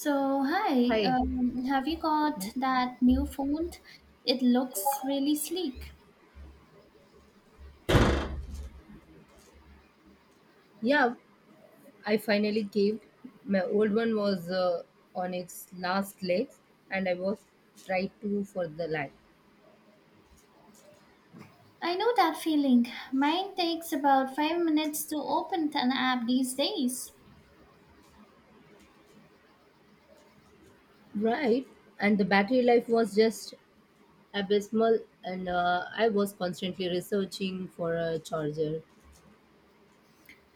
So, hi, Hi. Have you got that new phone? It looks really sleek. Yeah, I finally caved. My old one was on its last legs, and I was tried to for the life. I know that feeling. Mine takes about 5 minutes to open an app these days. Right, and the battery life was just abysmal, and I was constantly researching for a charger.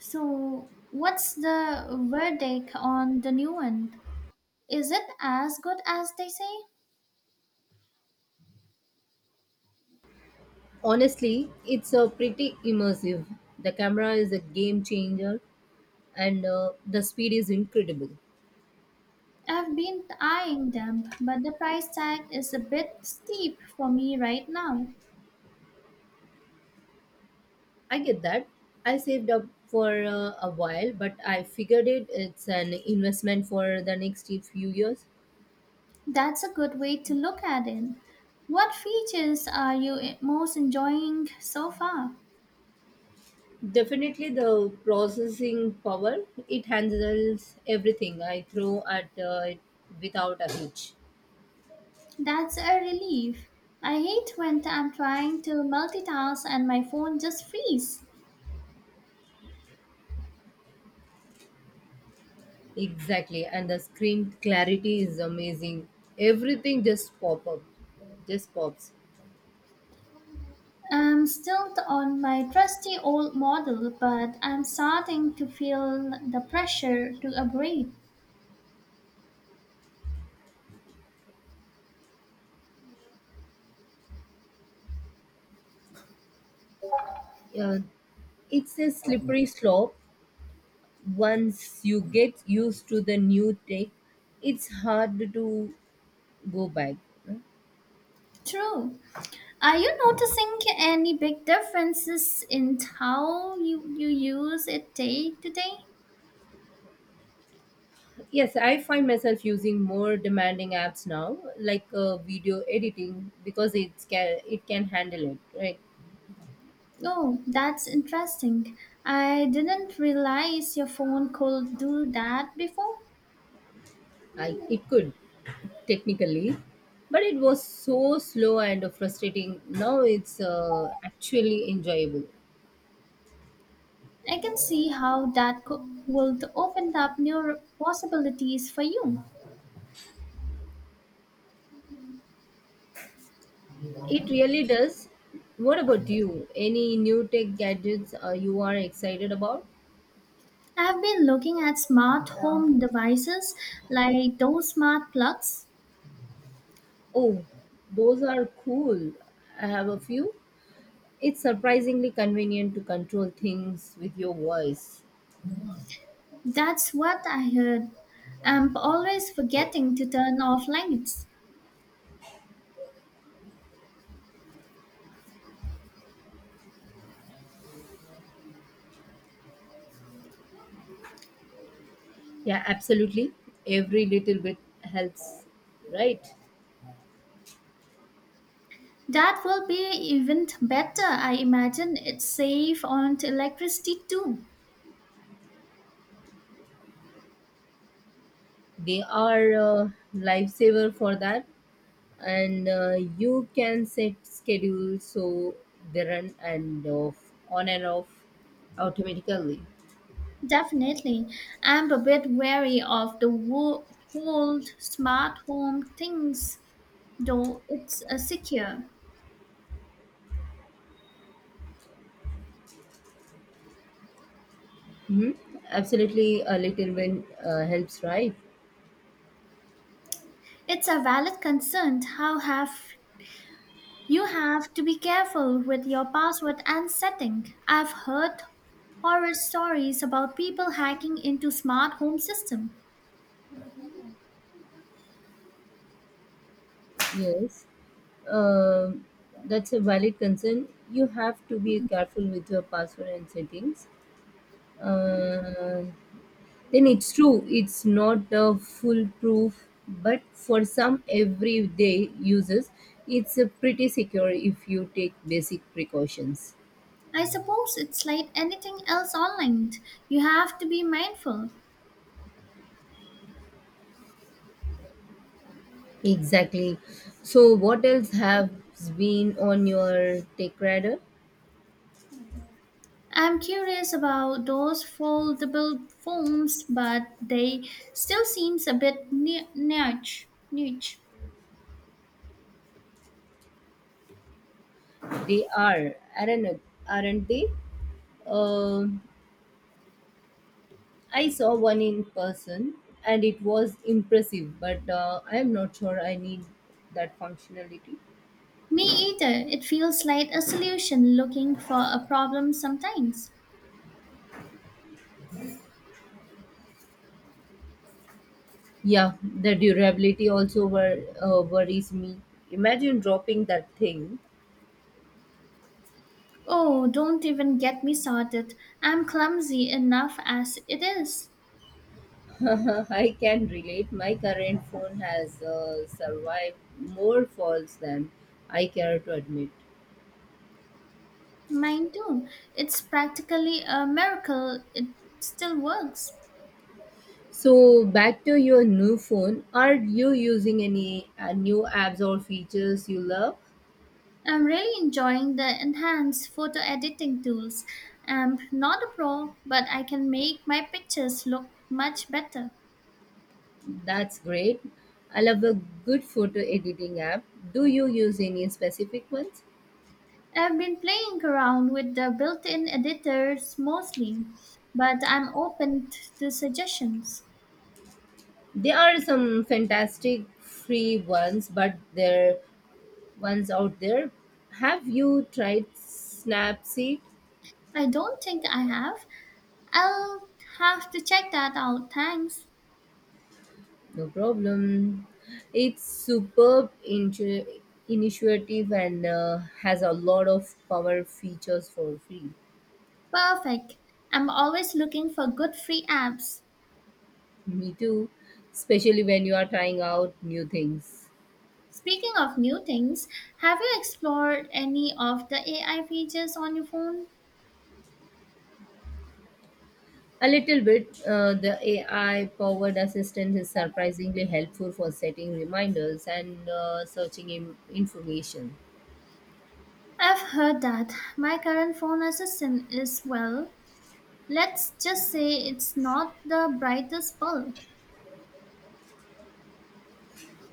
So, what's the verdict on the new one? Is it as good as they say? Honestly, it's a pretty immersive. The camera is a game changer, and the speed is incredible. I've been eyeing them, but the price tag is a bit steep for me right now. I get that. I saved up for a while, but I figured it's an investment for the next few years. That's a good way to look at it. What features are you most enjoying so far? Definitely the processing power, it handles everything I throw at it without a hitch. That's a relief. I hate when I'm trying to multitask and my phone just freezes. Exactly, and the screen clarity is amazing. Everything just pop up, just pops. I'm still on my trusty old model, but I'm starting to feel the pressure to upgrade. Uh, it's a slippery slope. Once you get used to the new tech, it's hard to go back. True. Are you noticing any big differences in how you use it day to day? Yes, I find myself using more demanding apps now, like video editing, because it can handle it. Right, Oh, that's interesting. I didn't realize your phone could do that before. I it could technically, but it was so slow and frustrating. Now it's actually enjoyable. I can see how that would open up new possibilities for you. It really does. What about you? Any new tech gadgets you are excited about? I've been looking at smart home devices like those smart plugs. Oh, those are cool. I have a few. It's surprisingly convenient to control things with your voice. That's what I heard. I'm always forgetting to turn off lights. Yeah, absolutely. Every little bit helps, right? That will be even better. I imagine it's safe on electricity too. They are a lifesaver for that, and you can set schedules so they run and off, on and off automatically. Definitely. I'm a bit wary of the whole smart home things, though it's secure. Hmm. Absolutely, a little bit helps, right? It's a valid concern. How have you have to be careful with your password and setting. I've heard horror stories about people hacking into smart home system. Yes. Um that's a valid concern. You have to be careful with your password and settings. uh, then it's true, it's not a foolproof, but for some everyday uses it's a pretty secure if you take basic precautions. I suppose it's like anything else online. You have to be mindful. Exactly. So what else has been on your tech radar? I'm curious about those foldable phones, but they still seems a bit niche. Niche. They are aren't, aren't they Um I saw one in person and it was impressive, but I'm not sure I need that functionality. Me either. It feels like a solution looking for a problem sometimes. Yeah, the durability also worries me. Imagine dropping that thing. Oh, don't even get me started. I'm clumsy enough as it is. I can relate. My current phone has survived more falls than I care to admit. Mine too. It's practically a miracle it still works. So, back to your new phone. Are you using any new apps or features you love? I'm really enjoying the enhanced photo editing tools. I'm not a pro, but I can make my pictures look much better. That's great. I love a good photo editing app. Do you use any specific ones? I've been playing around with the built in editors mostly, but I'm open to suggestions. There are some fantastic free ones, but they're ones out there. Have you tried Snapseed? I don't think I have. I'll have to check that out, thanks. No problem. It's superb intu- Initiative, and has a lot of power features for free. Perfect. I'm always looking for good free apps. Me too, especially when you are trying out new things. Speaking of new things, have you explored any of the AI features on your phone? A little bit, the AI powered assistant is surprisingly helpful for setting reminders and searching information. I've heard that. My current phone assistant is, well, let's just say it's not the brightest bulb.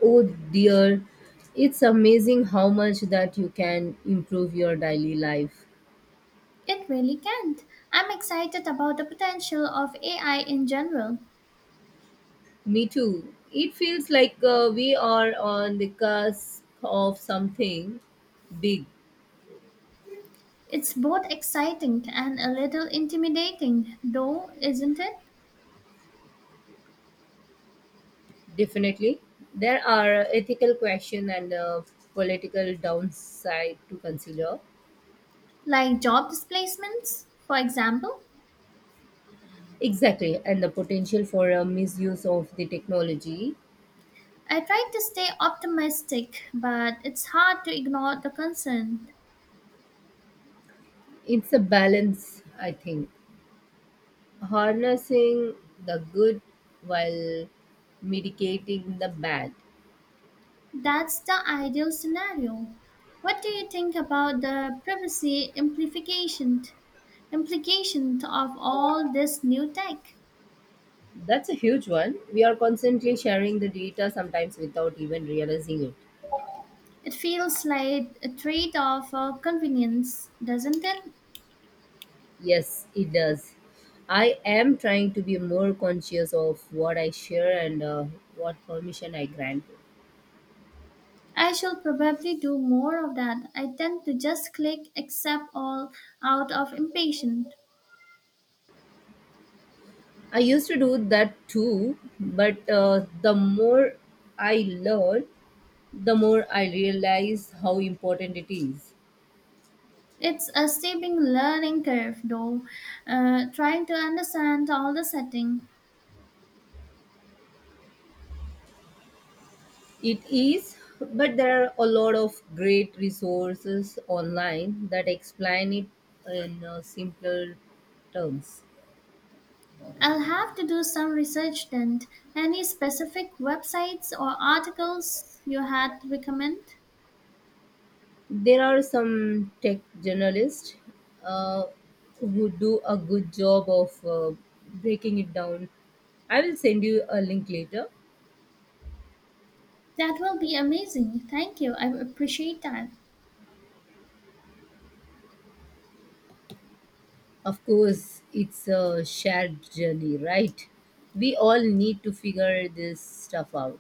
Oh dear, it's amazing how much that you can improve your daily life. It really can't. I'm excited about the potential of AI in general. Me too. It feels like we are on the cusp of something big, It's both exciting and a little intimidating, though, isn't it? definitely. There are ethical questions and political downside to consider. Like job displacements, for example. Exactly, and the potential for a misuse of the technology. I try to stay optimistic, but it's hard to ignore the concern. It's a balance, I think. Harnessing the good while mitigating the bad. That's the ideal scenario. What do you think about the privacy implication of all this new tech? That's a huge one. We are constantly sharing the data sometimes without even realizing it. It feels like a trade-off for convenience, doesn't it? Yes, it does. I am trying to be more conscious of what I share and what permission I grant. I shall probably do more of that. I tend to just click accept all out of impatience. I used to do that too, but the more I learn, the more I realize how important it is. It's a steeping learning curve, though, trying to understand all the setting. It is, but there are a lot of great resources online that explain it in simpler terms. I'll have to do some research then. Any specific websites or articles you had recommend? There are some tech journalists uh, who do a good job of breaking it down. I will send you a link later. That will be amazing. Thank you. I appreciate that. Of course, it's a shared journey, right? We all need to figure this stuff out.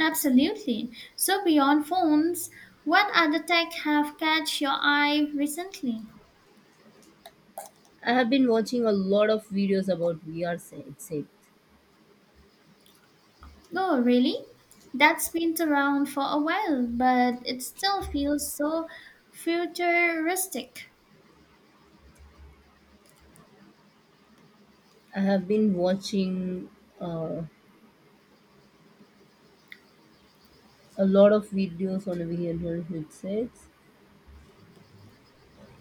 Absolutely. So beyond phones, what other tech have catch your eye recently? I have been watching a lot of videos about VR sets. Oh, really? That's been around for a while, but it still feels so futuristic. I have been watching uh, a lot of videos on VR headsets.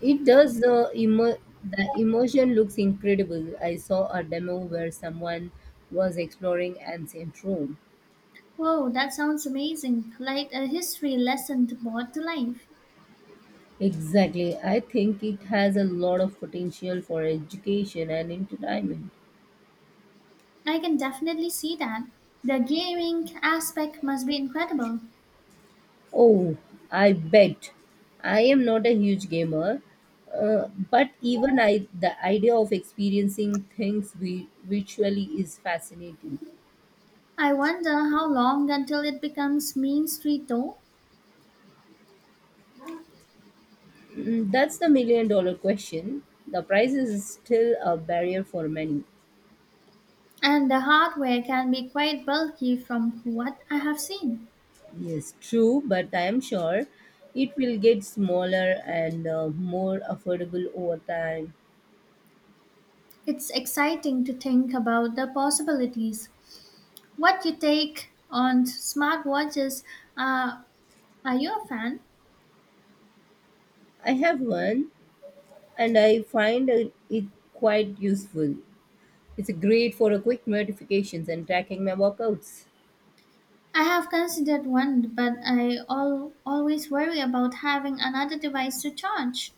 It does the immersion looks incredible. I saw a demo where someone was exploring ancient Rome. Whoa, that sounds amazing. Like a history lesson brought to life. Exactly. I think it has a lot of potential for education and entertainment. I can definitely see that. The gaming aspect must be incredible. Oh, I bet. I am not a huge gamer, but even I, the idea of experiencing things virtually is fascinating. I wonder how long until it becomes Main Street though. Mm, that's the million dollar question. The price is still a barrier for many. And the hardware can be quite bulky from what I have seen. Yes, true, but I am sure it will get smaller and more affordable over time. It's exciting to think about the possibilities. What you take on smartwatches? Uh, are you a fan? I have one and I find it quite useful. It's great for quick notifications and tracking my workouts. I have considered one, but I always worry about having another device to charge.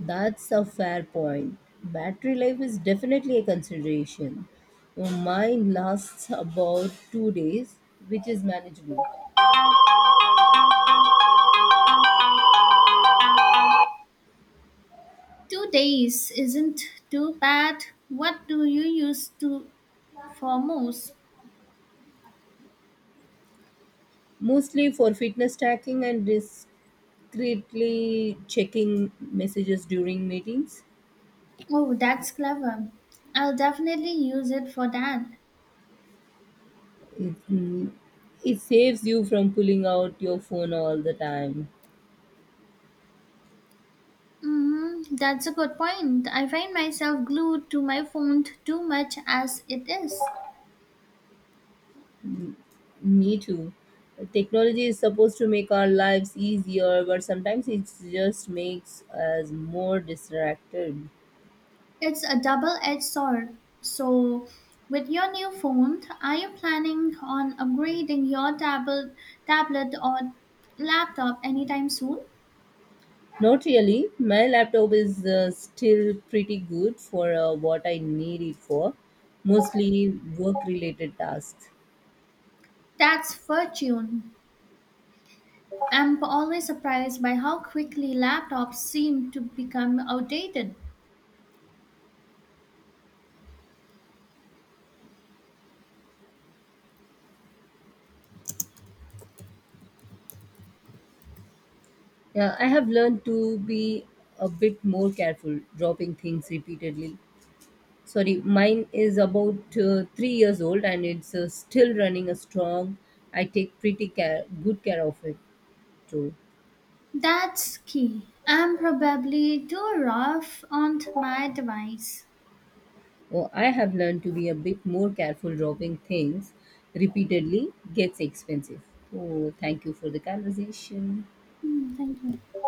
That's a fair point. Battery life is definitely a consideration. Mine lasts about 2 days, which is manageable. 2 days isn't too bad. What do you use to for most? Mostly for fitness tracking and discreetly checking messages during meetings. Oh, that's clever. I'll definitely use it for that. Mm, it saves you from pulling out your phone all the time. Mm-hmm. That's a good point. I find myself glued to my phone too much as it is. Me too. Technology is supposed to make our lives easier, but sometimes it just makes us more distracted. It's a double edged sword. So, with your new phone, are you planning on upgrading your tablet or laptop anytime soon? Not really. My laptop is still pretty good for what I need it for, mostly work related tasks. That's fortune. I'm always surprised by how quickly laptops seem to become outdated. Yeah, I have learned to be a bit more careful dropping things repeatedly. Sorry, mine is about 3 years old and it's still running a strong. I take pretty care, good care of it too. That's key. I'm probably too rough on my device. Oh, I have learned to be a bit more careful dropping things repeatedly gets expensive. Oh, thank you for the conversation. Hmm, Thank you.